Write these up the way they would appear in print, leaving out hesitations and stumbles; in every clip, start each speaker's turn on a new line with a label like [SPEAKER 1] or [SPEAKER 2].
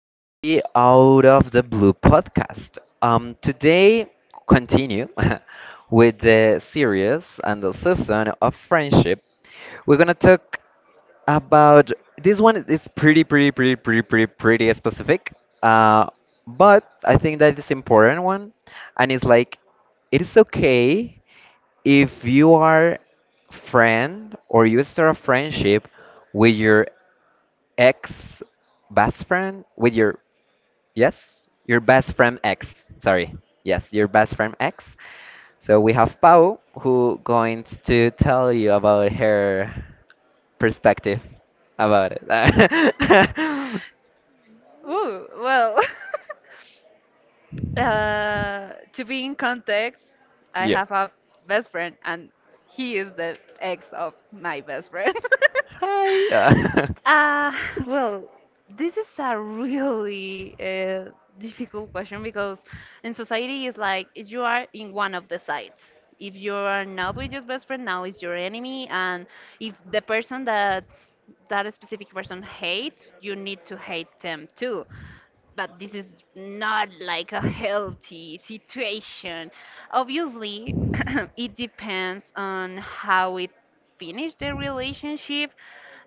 [SPEAKER 1] to the Out of the Blue podcast. Today, continue with the series and the season of friendship. We're gonna talk about this one. It's pretty specific. Uh, but I think that is important one, and it is okay if you are friend or you start a friendship with your ex best friend, with your, yes, your best friend ex, sorry, yes, your best friend ex. So we have Pau, who going to tell you about her perspective about it.
[SPEAKER 2] Ooh, well, to be in context, I
[SPEAKER 1] Yeah,
[SPEAKER 2] have a best friend, and he is the ex of my best friend.
[SPEAKER 1] hi.
[SPEAKER 2] Uh, well, this is a really difficult question because in society it's like if you are in one of the sides. If you are not with your best friend, now is your enemy, and if the person that specific person hate, you need to hate them too, but this is not like a healthy situation. Obviously, it depends on how it finished the relationship.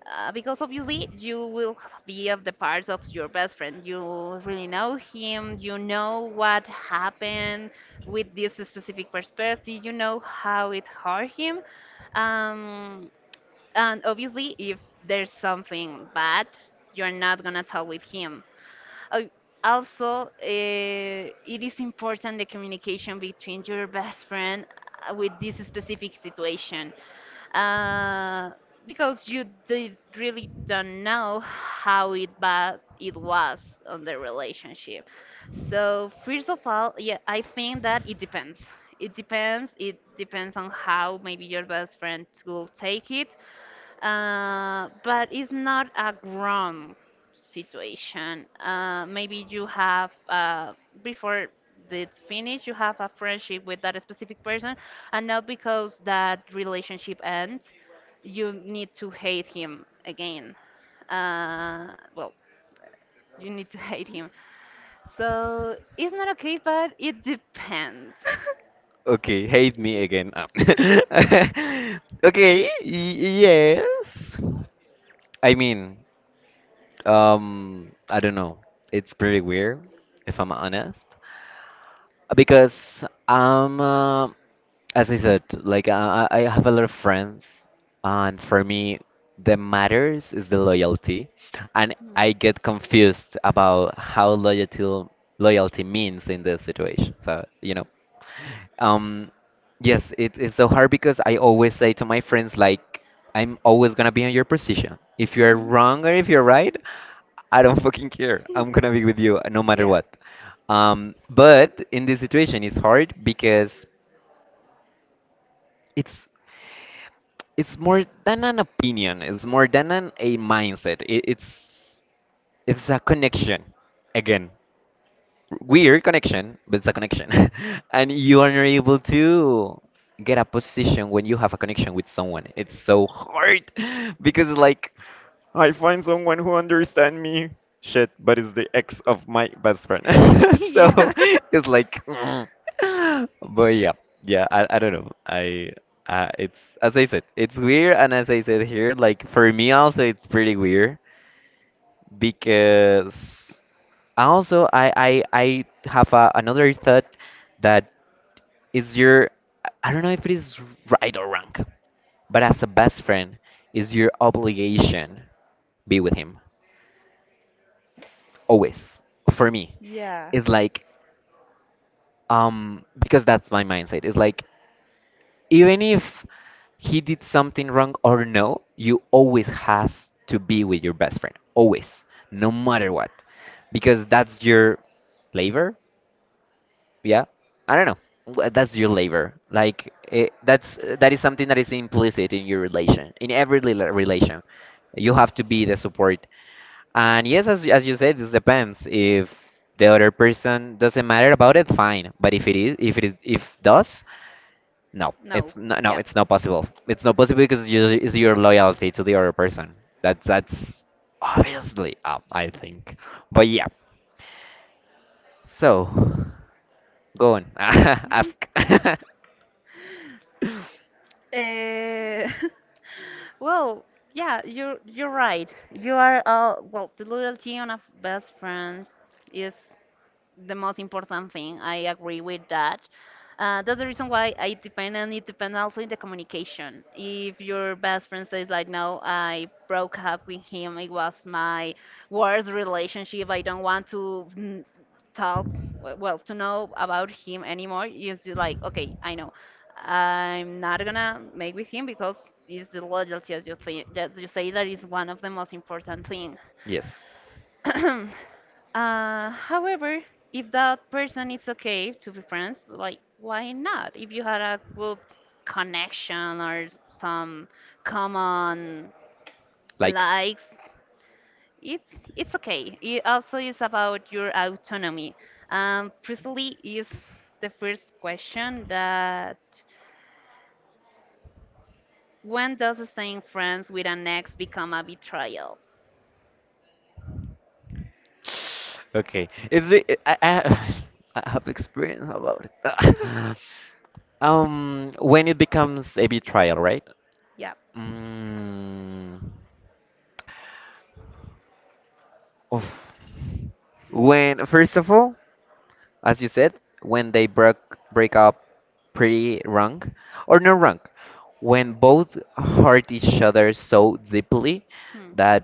[SPEAKER 2] Because obviously you will be of the parts of your best friend. You really know him. You know what happened with this specific perspective. You know how it hurt him. Um, and obviously, if there's something bad, you're not gonna talk with him, uh, also, it is important the communication between your best friend with this specific situation, uh, because you did, really don't know how it bad it was on the relationship. So first of all, yeah, I think that it depends. It depends. It depends on how maybe your best friend will take it, but it's not a grown situation. Maybe you have, before the finish, you have a friendship with that specific person, and not because that relationship ends, you need to hate him again. Uh, well, you need to hate him. So it's not okay, but it depends.
[SPEAKER 1] Okay, hate me again. Okay, yes, I mean, I don't know. It's pretty weird, if I'm honest, because I'm, as I said, like I have a lot of friends, and for me, the matters is the loyalty, and
[SPEAKER 2] Mm.
[SPEAKER 1] I get confused about how loyalty means in this situation. So, you know. Um, yes, it's so hard because I always say to my friends, like, I'm always gonna be on your position. If you're wrong or if you're right, I don't fucking care. I'm gonna be with you no matter
[SPEAKER 2] Yeah.
[SPEAKER 1] what. But in this situation, it's hard because it's it's more than an opinion. It's more than a mindset. It's a connection, again weird connection, but it's a connection. And you are not able to get a position when you have a connection with someone. It's so hard because it's like I find someone who understands me. Shit, but it's the ex of my best friend.
[SPEAKER 2] Yeah.
[SPEAKER 1] So it's like, but yeah, yeah. I don't know. I it's as I said, it's weird, and as I said here, like for me also, it's pretty weird because also I have a, another thought that is your, I don't know if it is right or wrong, but as a best friend, is your obligation be with him always. For me,
[SPEAKER 2] Yeah.
[SPEAKER 1] it's like, because that's my mindset. It's like even if he did something wrong or no, you always has to be with your best friend always, no matter what, because that's your flavor, yeah, I don't know. That's your labor, like it, that's that is something that is implicit in your relation, in every relation you have to be the support, and yes, as you said, this depends if the other person doesn't matter about it, fine, but if it is, if it is, if does no, it's no, no, it's not possible, it's not possible because you, it's your loyalty to the other person. That's obviously up, I think, but yeah, so go on. Ask.
[SPEAKER 2] Uh, well, yeah, you're right. You are, uh, well, the loyalty on a best friend is the most important thing. I agree with that. That's the reason why I depend, and it depends also in the communication. If your best friend says like, "No, I broke up with him. It was my worst relationship. I don't want to talk, to know about him anymore," it's just like, "Okay, I know, I'm not gonna make with him because it's the loyalty, as you think, that you say that is one of the most important things."
[SPEAKER 1] Yes,
[SPEAKER 2] However, if that person is okay to be friends, like why not? If you had a good connection or some common
[SPEAKER 1] likes.
[SPEAKER 2] likes, it's it's okay. It also is about your autonomy. Precisely is the first question that when does staying friends with an ex become a betrayal?
[SPEAKER 1] Okay, I I have experience about it. When it becomes a betrayal, right?
[SPEAKER 2] Yeah.
[SPEAKER 1] Mm, oof. When first of all, as you said, when they broke break up pretty wrong or not wrong, when both hurt each other so deeply
[SPEAKER 2] Hmm.
[SPEAKER 1] that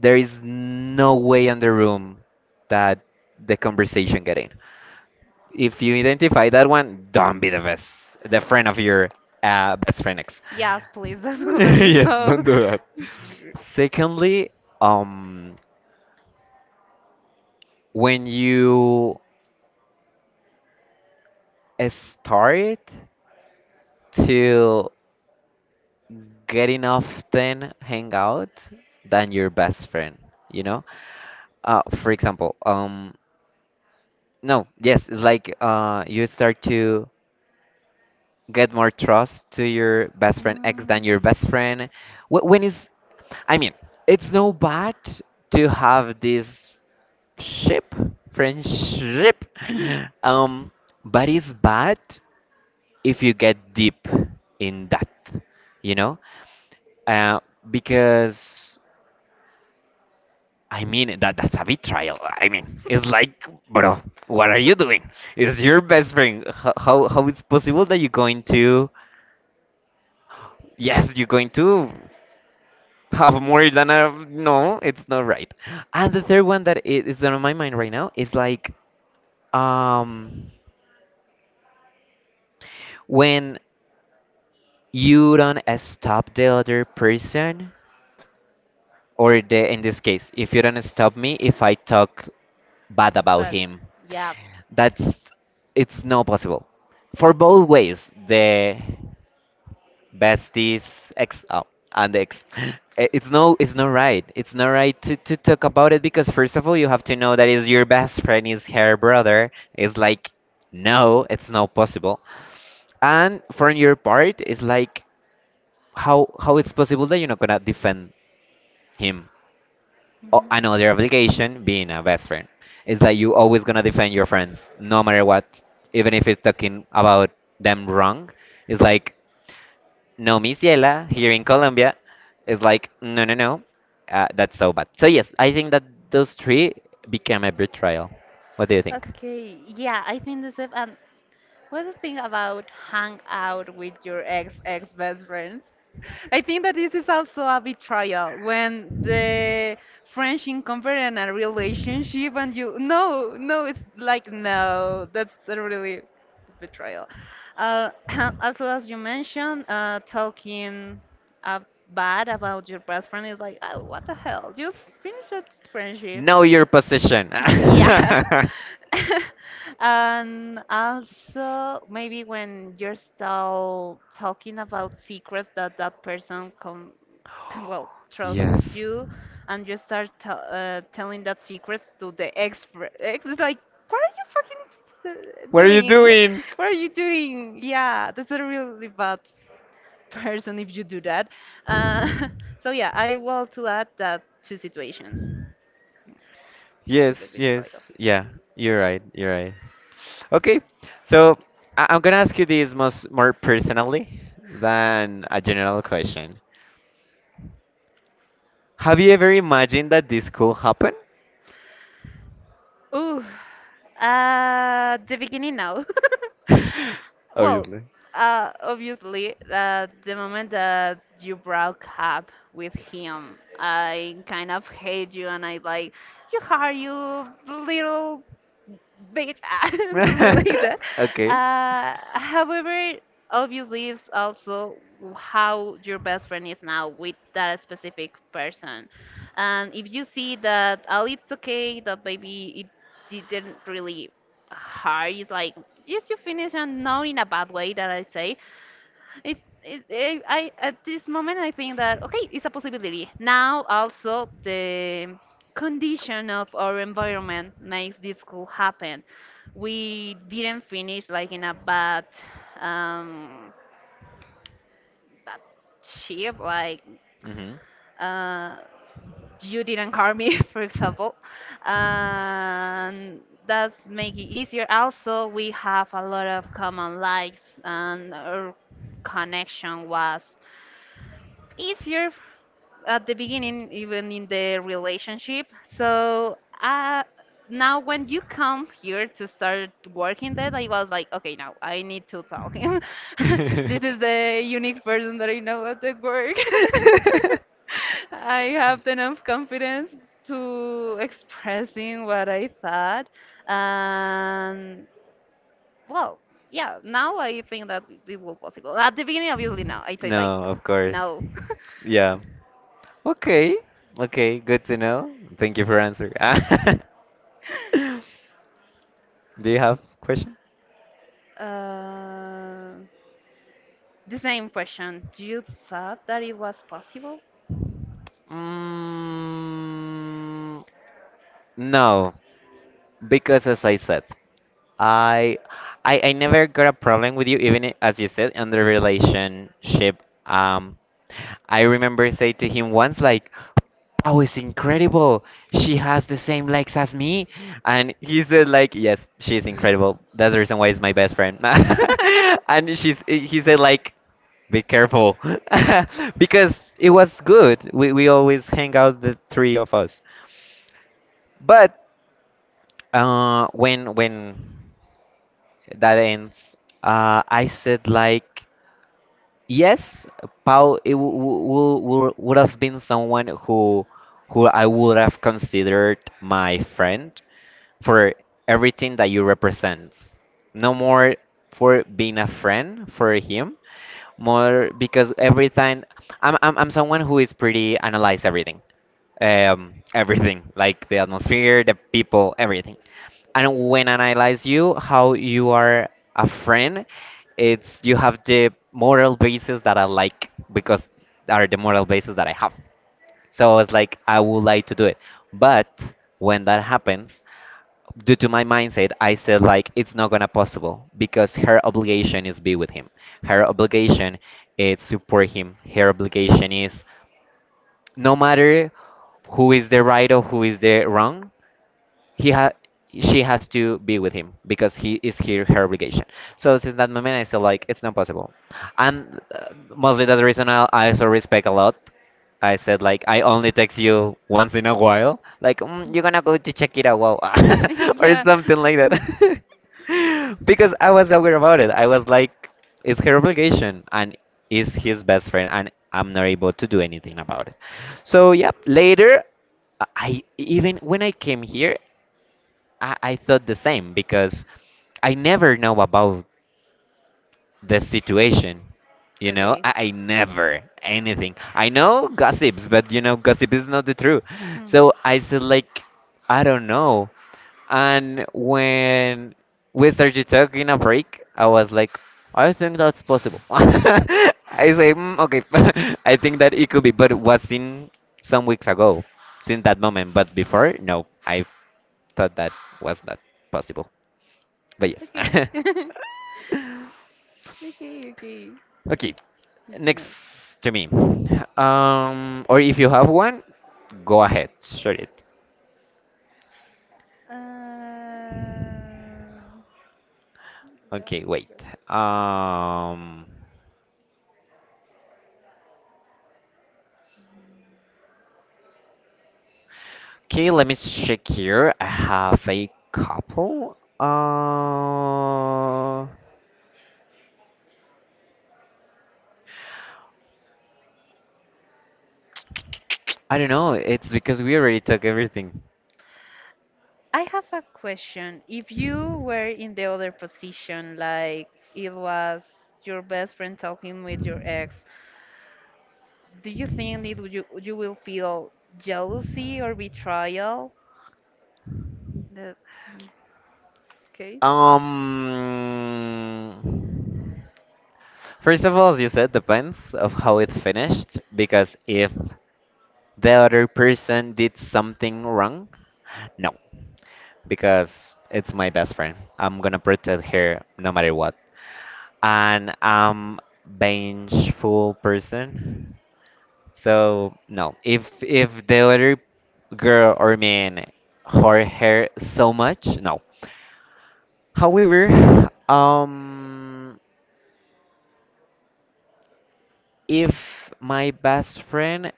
[SPEAKER 1] there is no way in the room that the conversation get in. If you identify that one, don't be the best, the friend of your best friend ex.
[SPEAKER 2] Yes, please. That's gonna be
[SPEAKER 1] Yes, don't
[SPEAKER 2] so.
[SPEAKER 1] do that. Secondly, um, when you start to getting often hang out than your best friend, you know, for example, no, yes, it's like you start to get more trust to your best friend ex than your best friend? When is, I mean, it's no bad to have this ship, friendship, um, but it's bad if you get deep in that, you know, uh, because I mean that's a betrayal. I mean, it's like, bro, what are you doing? It's your best friend. How it's possible that you're going to? Yes, you're going to. Have more than a no, it's not right. And the third one that is on my mind right now is like, um when you don't stop the other person or the, in this case, if you don't stop me if I talk bad about
[SPEAKER 2] But
[SPEAKER 1] him.
[SPEAKER 2] yeah.
[SPEAKER 1] That's, it's not possible for both ways. The besties ex, oh, and ex. It's not right, it's not right to talk about it because first of all you have to know that is your best friend, is her brother. It's like no, it's not possible. And from your part, it's like how it's possible that you're not gonna defend him.
[SPEAKER 2] Mhm.
[SPEAKER 1] Another obligation being a best friend, it's like you always gonna defend your friends no matter what, even if it's talking about them wrong. It's like no. Miss Yela here in Colombia is like, no, that's so bad. So, yes, I think that those three became a betrayal. What do you think?
[SPEAKER 2] Okay, yeah, I think the same. And what's the thing about hang out with your ex ex best friends? I think that this is also a betrayal when the French incumbent in a relationship, and you, no, it's like no, that's a really betrayal. Uh, also as you mentioned, talking uh, bad about your best friend is like, oh, what the hell, just finish that friendship.
[SPEAKER 1] Know your position.
[SPEAKER 2] Yeah. And also, maybe when you're still talking about secrets that person can, well, trust
[SPEAKER 1] Yes.
[SPEAKER 2] you, and you start t telling that secrets to the expert. Ex is like, what are you fucking
[SPEAKER 1] What are you
[SPEAKER 2] doing?
[SPEAKER 1] doing?
[SPEAKER 2] What are you doing? Yeah, that's a really bad person if you do that. Uh, so yeah, I want to add that two situations to the
[SPEAKER 1] Yes,
[SPEAKER 2] betrayal.
[SPEAKER 1] yes, Yeah, you're right. Okay, so I'm gonna ask you this most more personally than a general question. Have you ever imagined that this could happen?
[SPEAKER 2] Ooh, the beginning now. Well,
[SPEAKER 1] Obviously.
[SPEAKER 2] obviously, the moment that you broke up with him, I kind of hate you and I like, you are, you little bitch and something like that.
[SPEAKER 1] Okay.
[SPEAKER 2] However, obviously, it's also how your best friend is now with that specific person. And if you see that, oh, it's okay, that maybe it didn't really hurt, it's like, yes, you finish, and not in a bad way that I say, I at this moment I think that okay, it's a possibility. Now also the condition of our environment makes this could happen. We didn't finish like in a bad um bad shape, like,
[SPEAKER 1] Hmm.
[SPEAKER 2] uh you didn't harm me for example, and that's make it easier. Also we have a lot of common likes, and our connection was easier at the beginning, even in the relationship. So now, when you come here to start working, that I was like, okay, now I need to talk. This is the unique person that I know at the work. I have enough confidence to expressing what I thought, and well, yeah. Now I think that it will possible. At the beginning, obviously, now I say like,
[SPEAKER 1] No, of course.
[SPEAKER 2] no.
[SPEAKER 1] Yeah. Okay. Okay, good to know. Thank you for answering. Do you have question?
[SPEAKER 2] Uh, the same question. Do you thought that it was possible?
[SPEAKER 1] Mm, no. Because as I said, I, I never got a problem with you, even as you said, in the relationship. Um, I remember say to him once like, "Oh, it's incredible! She has the same legs as me," and he said like, "Yes, she's incredible. That's the reason why it's my best friend." And she's, he said like, "Be careful," because it was good. We always hang out the three of us. But when that ends. I said like yes, Paul. It w w w would have been someone who I would have considered my friend for everything that you represent. No more for being a friend for him, more because every time I'm someone who is pretty analyze everything. Everything like the atmosphere, the people, everything, and when analyze you how you are a friend, it's you have the moral basis that I like because are the moral basis that I have. So I was like I would like to do it, but when that happens due to my mindset I said like it's not gonna possible because her obligation is be with him, her obligation is support him, her obligation is no matter who is the right or who is the wrong, he ha she has to be with him because he is here her obligation. So since that moment I feel like it's not possible, and mostly that's the reason I also respect a lot. I said like I only text you once in a while like mm, you're gonna go to check it out, wow or
[SPEAKER 2] yeah.
[SPEAKER 1] something like that, because I was aware about it. I was like it's her obligation and is his best friend, and I'm not able to do anything about it. So yep, later even when I came here, I thought the same because I never know about the situation. You know,
[SPEAKER 2] Okay.
[SPEAKER 1] I never anything. I know gossips, but you know, gossip is not the truth.
[SPEAKER 2] Hmm.
[SPEAKER 1] So I said like, I don't know. And when we started talking a break, I was like, I think that's possible. I say, mm, okay, I think that it could be, but it was in some weeks ago, since that moment. But before, no, I thought that was not possible. But
[SPEAKER 2] Okay.
[SPEAKER 1] yes.
[SPEAKER 2] okay, okay.
[SPEAKER 1] Okay,
[SPEAKER 2] Good to know.
[SPEAKER 1] next to me. Or if you have one, go ahead, shoot it.
[SPEAKER 2] Uh,
[SPEAKER 1] Okay, wait. Um, okay, let me check here. I have a couple. I don't know. It's because we already took everything.
[SPEAKER 2] I have a question. If you were in the other position, like it was your best friend talking with your ex, do you think it would you will feel jealousy or betrayal? That okay?
[SPEAKER 1] Um, first of all, as you said, depends of how it finished. Because if the other person did something wrong? No, because it's my best friend. I'm gonna protect her no matter what. And I'm vengeful person. So no, if the other girl or man hurt her so much, no. However, if my best friend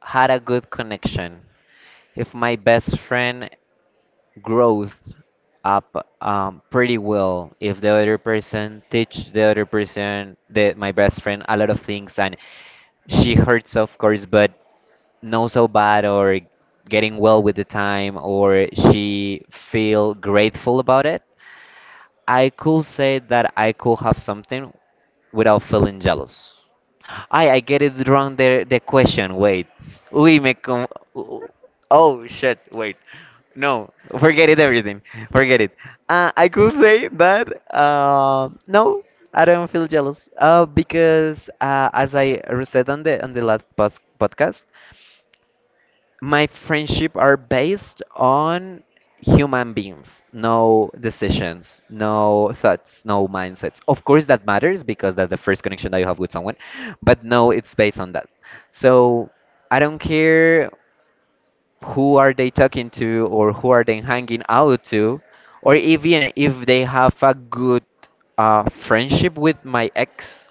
[SPEAKER 1] had a good connection, if my best friend growth up pretty well, if the other person teach the other person the my best friend a lot of things and she hurts, of course, but not so bad or getting well with the time or she feel grateful about it, I could say that I could have something without feeling jealous. I get it wrong the question. Wait. We make con... Oh shit, wait. No, forget it everything. Forget it. I could say that no, I don't feel jealous. Because as I said on the last podcast, my friendship are based on human beings, no decisions, no thoughts, no mindsets. Of course that matters because that's the first connection that you have with someone, but no, it's based on that. So I don't care who are they talking to or who are they hanging out to, or even if they have a good friendship with my ex.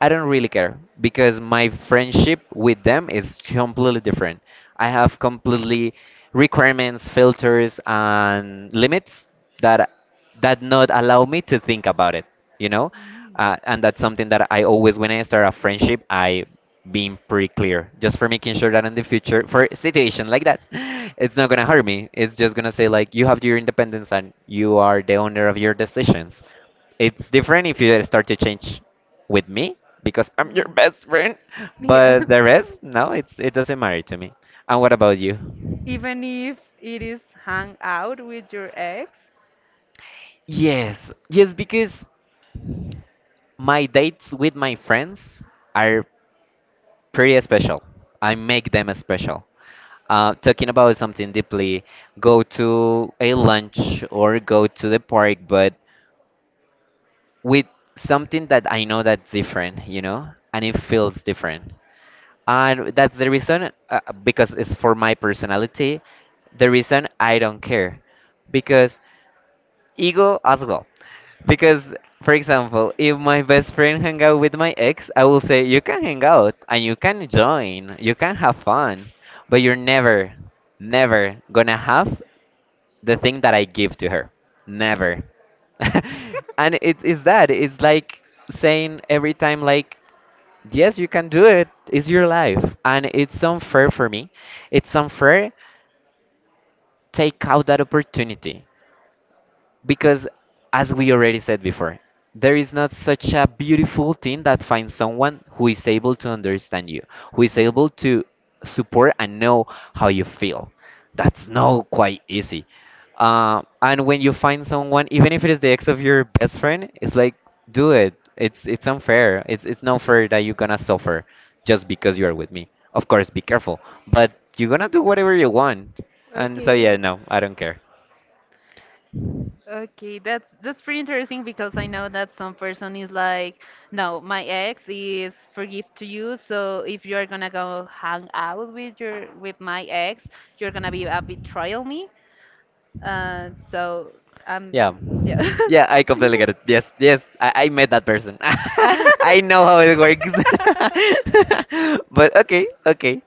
[SPEAKER 1] I don't really care because my friendship with them is completely different. I have completely requirements, filters, and limits that not allow me to think about it. You know, and that's something that I always, when I start a friendship, I being pretty clear, just for making sure that in the future, for a situation like that, it's not gonna hurt me. It's just gonna say, like, you have your independence and you are the owner of your decisions. It's different if you start to change with me because I'm your
[SPEAKER 2] Mm.
[SPEAKER 1] best friend.
[SPEAKER 2] Yeah.
[SPEAKER 1] But the rest, no, it doesn't matter to me. And what about you?
[SPEAKER 2] Even if it is hang out with your ex?
[SPEAKER 1] Yes, yes, because my dates with my friends are pretty special. I make them special. Talking about something deeply, go to a lunch or go to the park, but with something that I know that's different, you know, and it feels different. And that's the reason, because it's for my personality, the reason I don't care. Because ego as well. Because, for example, if my best friend hang out with my ex, I will say, you can hang out and you can join, you can have fun, but you're never, never gonna have the thing that I give to her. Never. And it is that. It's like saying every time, like, yes, you can do it. It's your life. And it's unfair for me. It's unfair. Take out that opportunity. Because, as we already said before, there is not such a beautiful thing that finds someone who is able to understand you, who is
[SPEAKER 2] Mm.
[SPEAKER 1] able to support and know how you feel. That's not quite easy. And when you find someone, even if it is the ex of your best friend, it's like, do it. It's unfair. It's not fair that you're gonna suffer just because you are with me. Of course, be careful, but you're gonna do whatever you want. And so yeah, no, I don't care.
[SPEAKER 2] Okay, that's pretty interesting because I know that some person is like, no, my ex is forgive to you, so if you're gonna go hang out with your with my ex, you're gonna be a betrayal me. So um,
[SPEAKER 1] Yeah.
[SPEAKER 2] yeah.
[SPEAKER 1] Yeah, I completely get it. Yes, yes, I met that person. I know how it works. But okay, okay.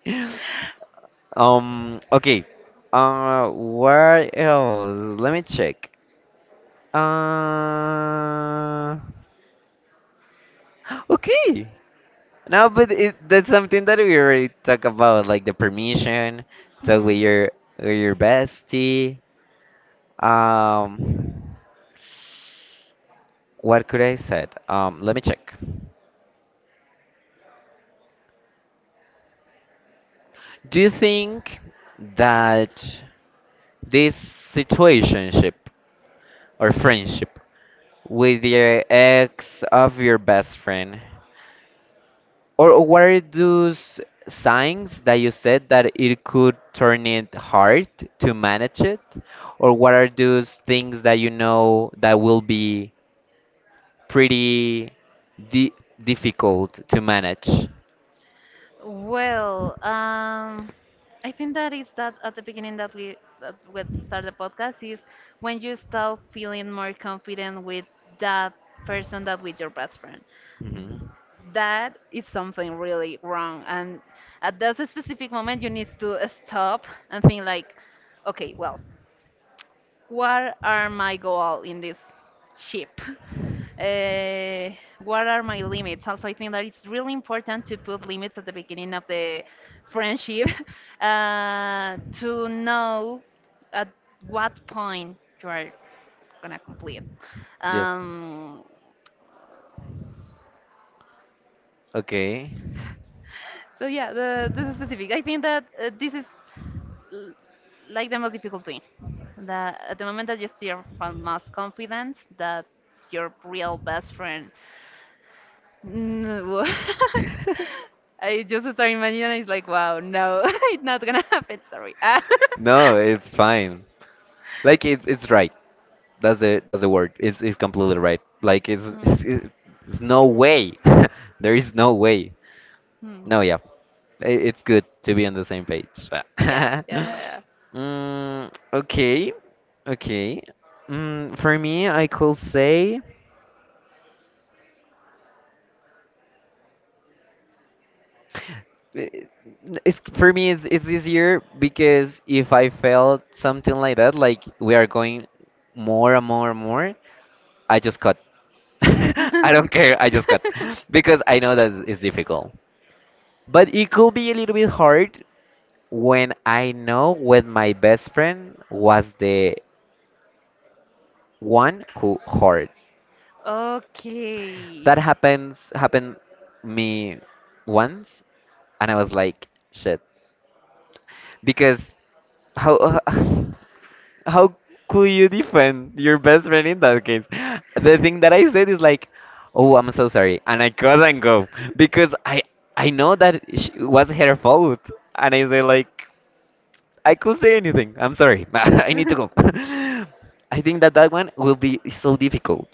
[SPEAKER 1] Okay. Where else? Let me check. Uh, okay. No, but it, that's something that we already talk about, like the permission, talk with
[SPEAKER 2] Hmm.
[SPEAKER 1] your bestie. Um, what could I said? Let me check. Do you think that this situationship or friendship with your ex of your best friend, or what are those signs that you said that it could turn it hard to manage it? Or what are those things that you know that will be pretty di difficult to manage?
[SPEAKER 2] Well, I think that is that at the beginning that we start the podcast is when you start feeling more confident with that person that with your best friend.
[SPEAKER 1] Mhm.
[SPEAKER 2] That is something really wrong, and at that specific moment you need to stop and think like, okay, well, what are my goal in this ship? Uh, what are my limits? Also, I think that it's really important to put limits at the beginning of the friendship to know at what point you are gonna complete.
[SPEAKER 1] Yes.
[SPEAKER 2] Um,
[SPEAKER 1] Okay.
[SPEAKER 2] so yeah, this is specific. I think that this is l- like the most difficult thing. That at the moment that you still feel most confident that your real best friend. Mm, I just start imagining and it's like, wow, no, it's not gonna happen. Sorry. Ah.
[SPEAKER 1] No, it's fine. Like it's right. That's the word. It's completely right. Like it's
[SPEAKER 2] Hmm,
[SPEAKER 1] it's, it's no way. There is no way.
[SPEAKER 2] hmm.
[SPEAKER 1] No, yeah. I It's good to be on the same page.
[SPEAKER 2] Yeah, yeah, yeah,
[SPEAKER 1] Mm, okay. Okay. Mm, for me, I could say eh, it's, for me it's easier, because if I felt something like that, like we are going more and more and more, I just cut. I
[SPEAKER 2] yeah.
[SPEAKER 1] don't care. I just cut because I know that it's difficult. But it could be a little bit hard when I know when my best friend was the one who hurt.
[SPEAKER 2] Okay.
[SPEAKER 1] That happens happened me once, and I was like, shit. Because how how could you defend your best friend in that case? The thing that I said is like, oh, I'm so sorry, and I couldn't go because I know that it was her fault, and I say like. I could say anything. I'm sorry. I need to go. I think that that one will be so difficult.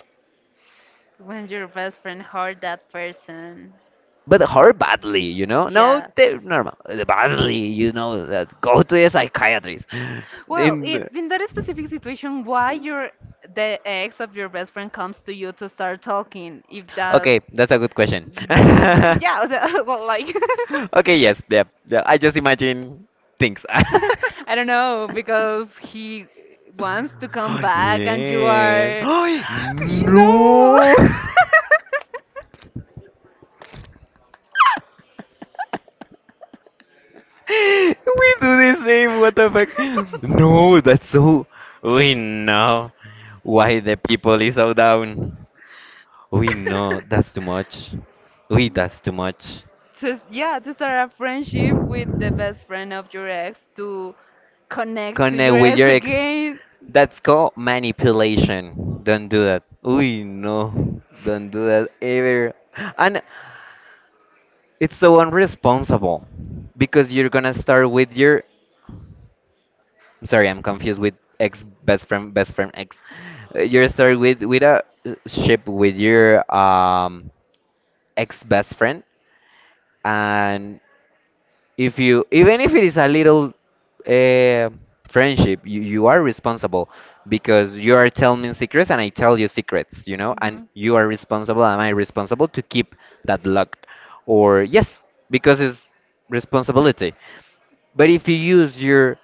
[SPEAKER 2] When your best friend hurt that person.
[SPEAKER 1] But her badly, you know? No,
[SPEAKER 2] Yeah.
[SPEAKER 1] they normal. The badly, you know, that go to a psychiatrist.
[SPEAKER 2] Well,
[SPEAKER 1] In
[SPEAKER 2] in that specific situation, why your the ex of your best friend comes to you to start talking? If that,
[SPEAKER 1] okay, that's a good question.
[SPEAKER 2] well, yeah, o sea, well, like
[SPEAKER 1] Okay, yes, yeah, yeah. I just imagine things.
[SPEAKER 2] I don't know because he wants to come back and you
[SPEAKER 1] Yes.
[SPEAKER 2] are, you know.
[SPEAKER 1] No. We do the same, what the fuck? No, that's so. We know why the people is so down. We know that's too much. We That's too much.
[SPEAKER 2] To yeah to start a friendship with the best friend of your ex to connect to
[SPEAKER 1] Connect
[SPEAKER 2] your
[SPEAKER 1] with
[SPEAKER 2] ex
[SPEAKER 1] your ex.
[SPEAKER 2] again.
[SPEAKER 1] That's called manipulation. Don't do that. We know. Don't do that ever. And it's so unresponsible because you're gonna start with your, I'm sorry, I'm confused with ex best friend, best friend ex. Your story with a ship with your ex best friend, and if you, even if it is a little uh, friendship, you are responsible, because you are telling me secrets and I tell you secrets, you know, and
[SPEAKER 2] Mhm.
[SPEAKER 1] you are responsible. Am I responsible to keep that locked? Or yes, because it's responsibility. But if you use your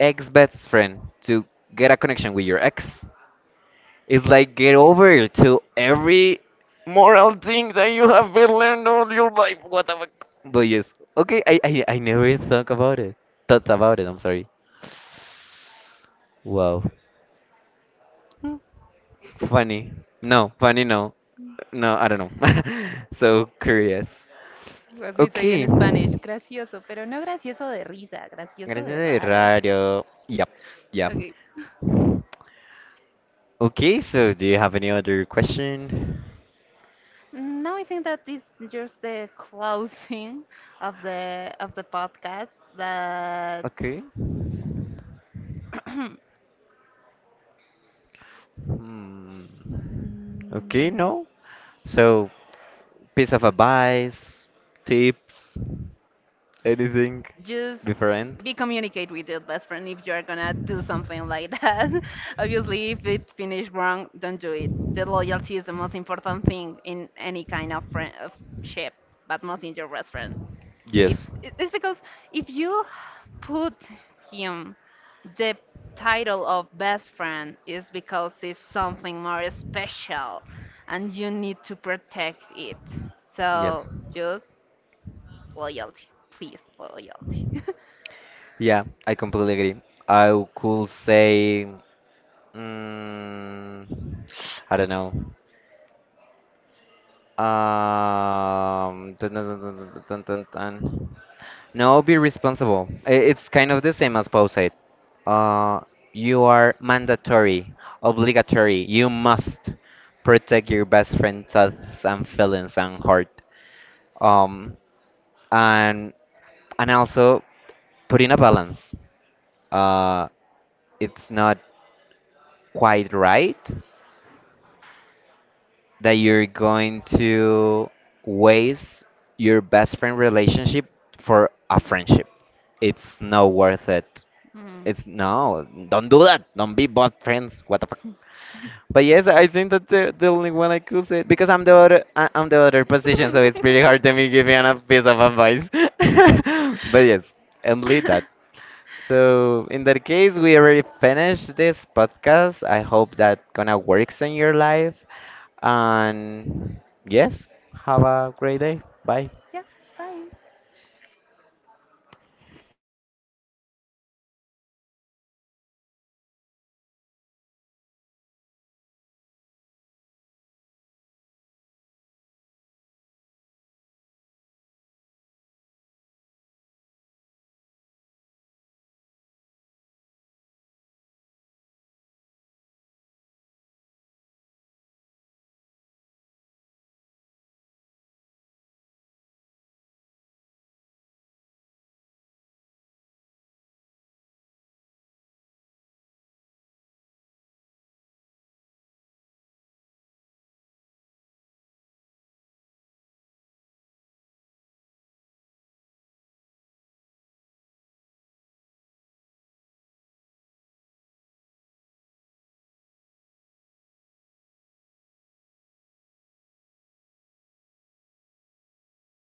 [SPEAKER 1] ex best friend to get a connection with your ex, it's like get over to every moral thing that you have been learned all your life. What the fuck? But yes, okay. I never thought about it. I'm sorry. Wow. Funny. No, funny. No, no. I don't know. So curious.
[SPEAKER 2] What we say
[SPEAKER 1] Okay.
[SPEAKER 2] in Spanish, gracioso, pero no gracioso de risa, gracioso
[SPEAKER 1] Gracias
[SPEAKER 2] de
[SPEAKER 1] de
[SPEAKER 2] raro.
[SPEAKER 1] radio. Yep. Yeah.
[SPEAKER 2] Okay.
[SPEAKER 1] Okay. So do you have any other question?
[SPEAKER 2] Now I think that is just the closing of the podcast that
[SPEAKER 1] Okay. Hmm. Okay. No. So piece of advice, tips, anything
[SPEAKER 2] just
[SPEAKER 1] different?
[SPEAKER 2] be communicate with your best friend if you're gonna do something like that. Obviously, if it finished wrong, don't do it. The loyalty is the most important thing in any kind of friendship, but most in your best friend. If
[SPEAKER 1] Yes.
[SPEAKER 2] it's because if you put him the title of best friend is because it's something more special and you need to protect it. So
[SPEAKER 1] Yes.
[SPEAKER 2] just loyalty, please, loyalty.
[SPEAKER 1] Yeah, I completely agree. Could say, mm, I don't know. Dun- dun- dun- dun- dun- dun- dun- dun. No, be responsible. It's kind of the same as Pau said. Uh, you are mandatory, obligatory. You must protect your best friend's thoughts and feelings and heart. Um, and also put in a balance. Uh, it's not quite right that you're going to waste your best friend relationship for a friendship. It's not worth it.
[SPEAKER 2] Hmm.
[SPEAKER 1] It's no, don't do that. Don't be bad friends. What the fuck? But yes, I think that the only one I could say, because I'm the other, I'm the other position, so it's pretty hard to me give you a piece of advice. But yes, and lead that. So in that case, we already finished this podcast. I hope that gonna works in your life. And yes, have a great day. Bye.